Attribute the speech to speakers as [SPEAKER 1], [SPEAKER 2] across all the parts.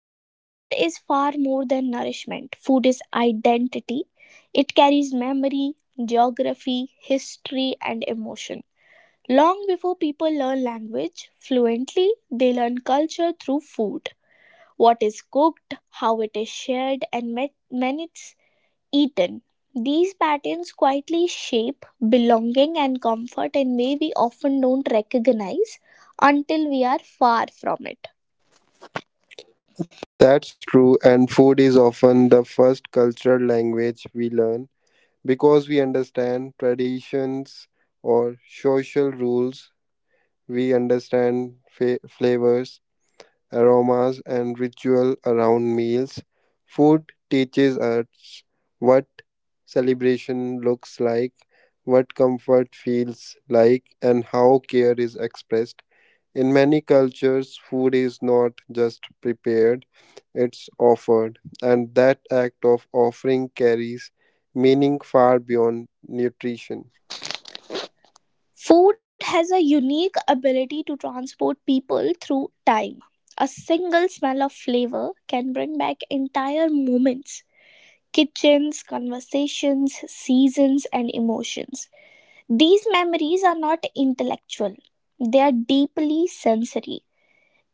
[SPEAKER 1] But food is far more than nourishment. Food is identity. It carries memory, geography, history, and emotion. Long before people learn language fluently, they learn culture through food. What is cooked, how it is shared, and many eaten. These patterns quietly shape belonging and comfort in way we often don't recognize until we are far from it.
[SPEAKER 2] That's true, and food is often the first cultural language we learn because we understand traditions or social rules. We understand flavors, aromas, and ritual around meals. Food teaches us what celebration looks like, what comfort feels like, and how care is expressed. In many cultures, food is not just prepared, it's offered, and that act of offering carries meaning far beyond nutrition.
[SPEAKER 1] Food has a unique ability to transport people through time. A single smell of flavor can bring back entire moments, kitchens, conversations, seasons, and emotions. These memories are not intellectual, they are deeply sensory.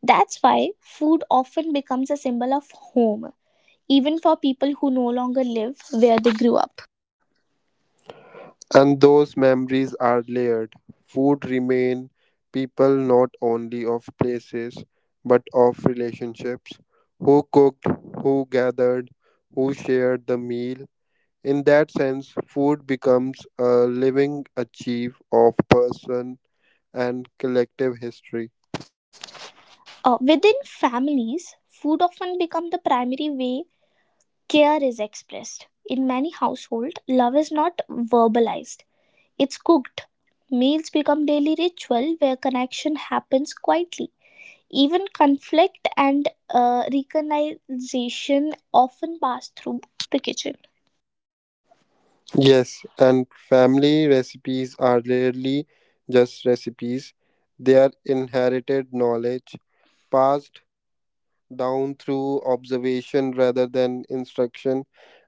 [SPEAKER 1] That's why food often becomes a symbol of home, even for people who no longer live where they grew up.
[SPEAKER 2] And those memories are layered. Food remain people not only of places but of relationships. Who cooked, who gathered, who shared the meal. In that sense, food becomes a living achieve of person and collective history.
[SPEAKER 1] Within families, food often becomes the primary way care is expressed. In many households, love is not verbalized, it's cooked. Meals become daily ritual where connection happens quietly. Even conflict and reconciliation often pass through the kitchen.
[SPEAKER 2] Yes, and family recipes are rarely just recipes, they are inherited knowledge passed down through observation rather than instruction.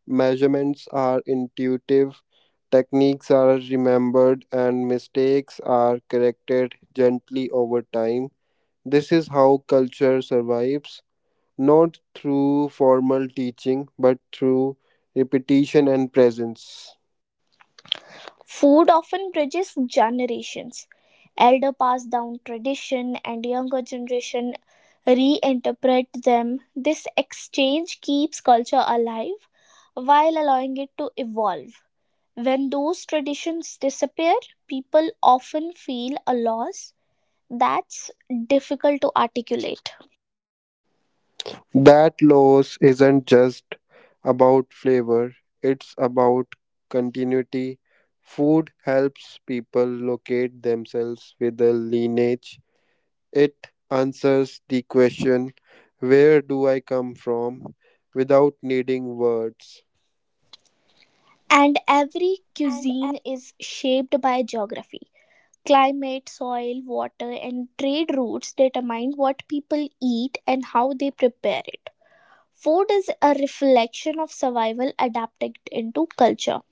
[SPEAKER 2] Measurements are intuitive, techniques are remembered, and mistakes are corrected gently over time. This is how culture survives not through formal teaching but through repetition and presence.
[SPEAKER 1] Food often bridges generations. Elder pass down tradition and younger generation reinterpret them. This exchange keeps culture alive while allowing it to evolve. When those traditions disappear, people often feel a loss that's difficult to articulate.
[SPEAKER 2] That loss isn't just about flavor, it's about continuity. Food helps people locate themselves with a lineage. It answers the question, where do I come from? Without needing words.
[SPEAKER 1] And
[SPEAKER 2] And
[SPEAKER 1] every cuisine is shaped by geography. Climate, soil, water, and trade routes determine what people eat and how they prepare it. Food is a reflection of survival adapted into culture.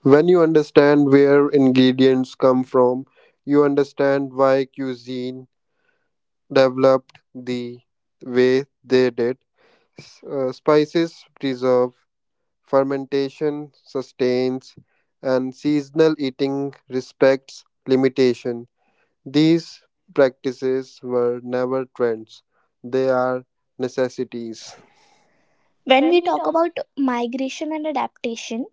[SPEAKER 2] When you understand where ingredients come from, you understand why cuisine developed the way they did. Spices preserve, fermentation sustains, and seasonal eating respects limitation. These practices were never trends, they are necessities.
[SPEAKER 1] When
[SPEAKER 2] When
[SPEAKER 1] we
[SPEAKER 2] we
[SPEAKER 1] talk
[SPEAKER 2] talk
[SPEAKER 1] about migration and adaptation,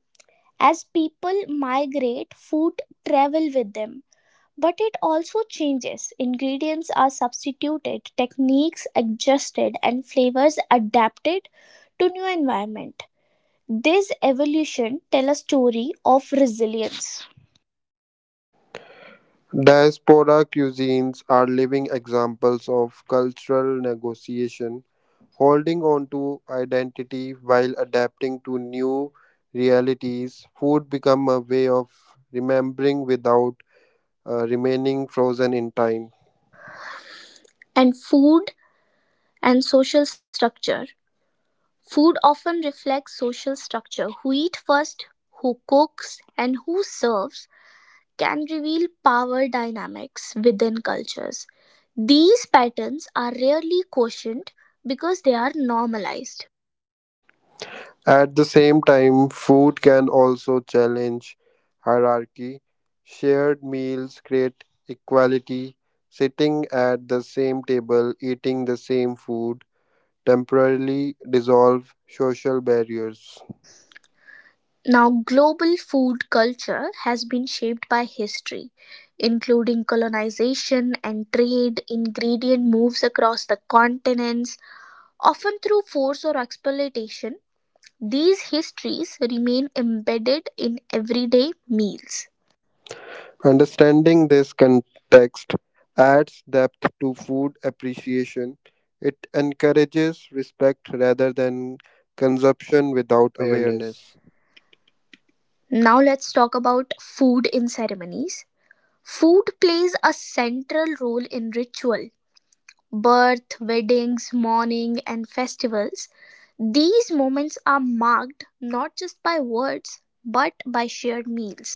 [SPEAKER 1] as people migrate, food travel with them. But it also changes. Ingredients are substituted, techniques adjusted, and flavors adapted to new environment. This evolution tells a story of resilience
[SPEAKER 2] Diaspora cuisines are living examples of cultural negotiation holding on to identity while adapting to new realities, food become a way of remembering without remaining frozen in time.
[SPEAKER 1] and food and social structure. Food often reflects social structure. Who eat first, who cooks, and who serves can reveal power dynamics within cultures. These patterns are rarely questioned because they are normalized.
[SPEAKER 2] At the same time, food can also challenge hierarchy. Shared meals create equality. Sitting at the same table, eating the same food, temporarily dissolve social barriers.
[SPEAKER 1] Now, global food culture has been shaped by history, including colonization and trade. Ingredient moves across the continents, often through force or exploitation. These histories remain embedded in everyday meals.
[SPEAKER 2] Understanding this context adds depth to food appreciation. It encourages respect rather than consumption without awareness.
[SPEAKER 1] Now, let's talk about food in ceremonies. Food plays a central role in ritual birth, weddings, mourning, and festivals. These moments are marked not just by words but by shared meals.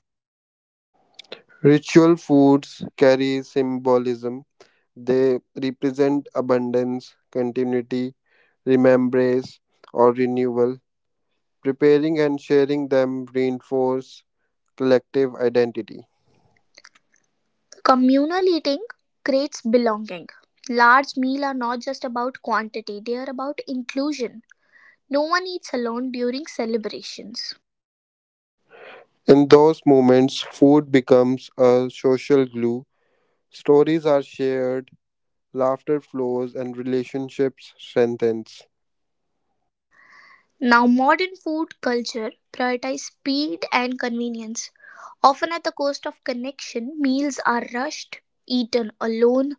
[SPEAKER 2] Ritual foods carry symbolism. They represent abundance, continuity, remembrance, or renewal. Preparing and sharing them reinforce collective identity.
[SPEAKER 1] Communal eating creates belonging. Large meals are not just about quantity, they are about inclusion. No one eats alone during celebrations.
[SPEAKER 2] In those moments, food becomes a social glue. Stories are shared, laughter flows, and relationships strengthens.
[SPEAKER 1] Now, modern food culture prioritizes speed and convenience. Often at the cost of connection, meals are rushed, eaten alone,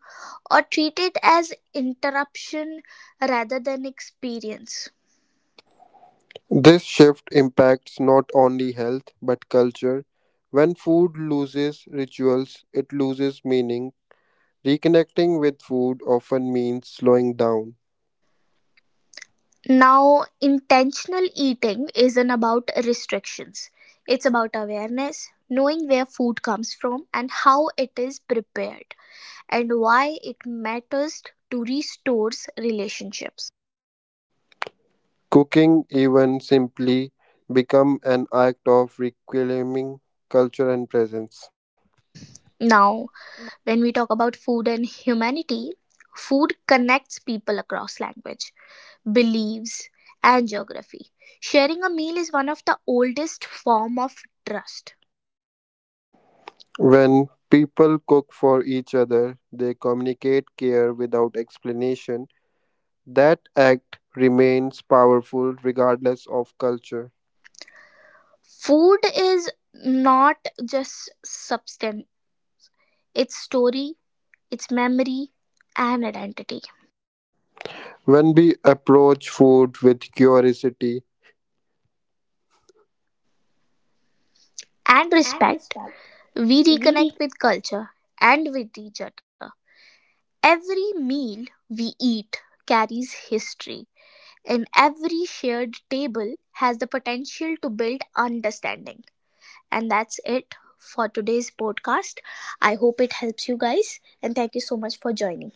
[SPEAKER 1] or treated as interruption rather than experience.
[SPEAKER 2] This shift impacts not only health but culture. When food loses rituals, it loses meaning. Reconnecting with food often means slowing down.
[SPEAKER 1] Now, intentional eating isn't about restrictions, it's about awareness, knowing where food comes from and how it is prepared, and why it matters to restores relationships.
[SPEAKER 2] Cooking, even simply, become an act of reclaiming culture and presence.
[SPEAKER 1] Now, when we talk about food and humanity, food connects people across language, beliefs, and geography. Sharing a meal is one of the oldest form of trust.
[SPEAKER 2] When people cook for each other, they communicate care without explanation. That act remains powerful regardless of culture.
[SPEAKER 1] Food is not just substance, it's story, it's memory, and identity.
[SPEAKER 2] When we approach food with curiosity,
[SPEAKER 1] And
[SPEAKER 2] and
[SPEAKER 1] respect,
[SPEAKER 2] respect,
[SPEAKER 1] we reconnect
[SPEAKER 2] we
[SPEAKER 1] with culture and with each other. Every meal we eat carries history, and every shared table has the potential to build understanding. And that's it for today's podcast. I hope it helps you guys. And thank you so much for joining.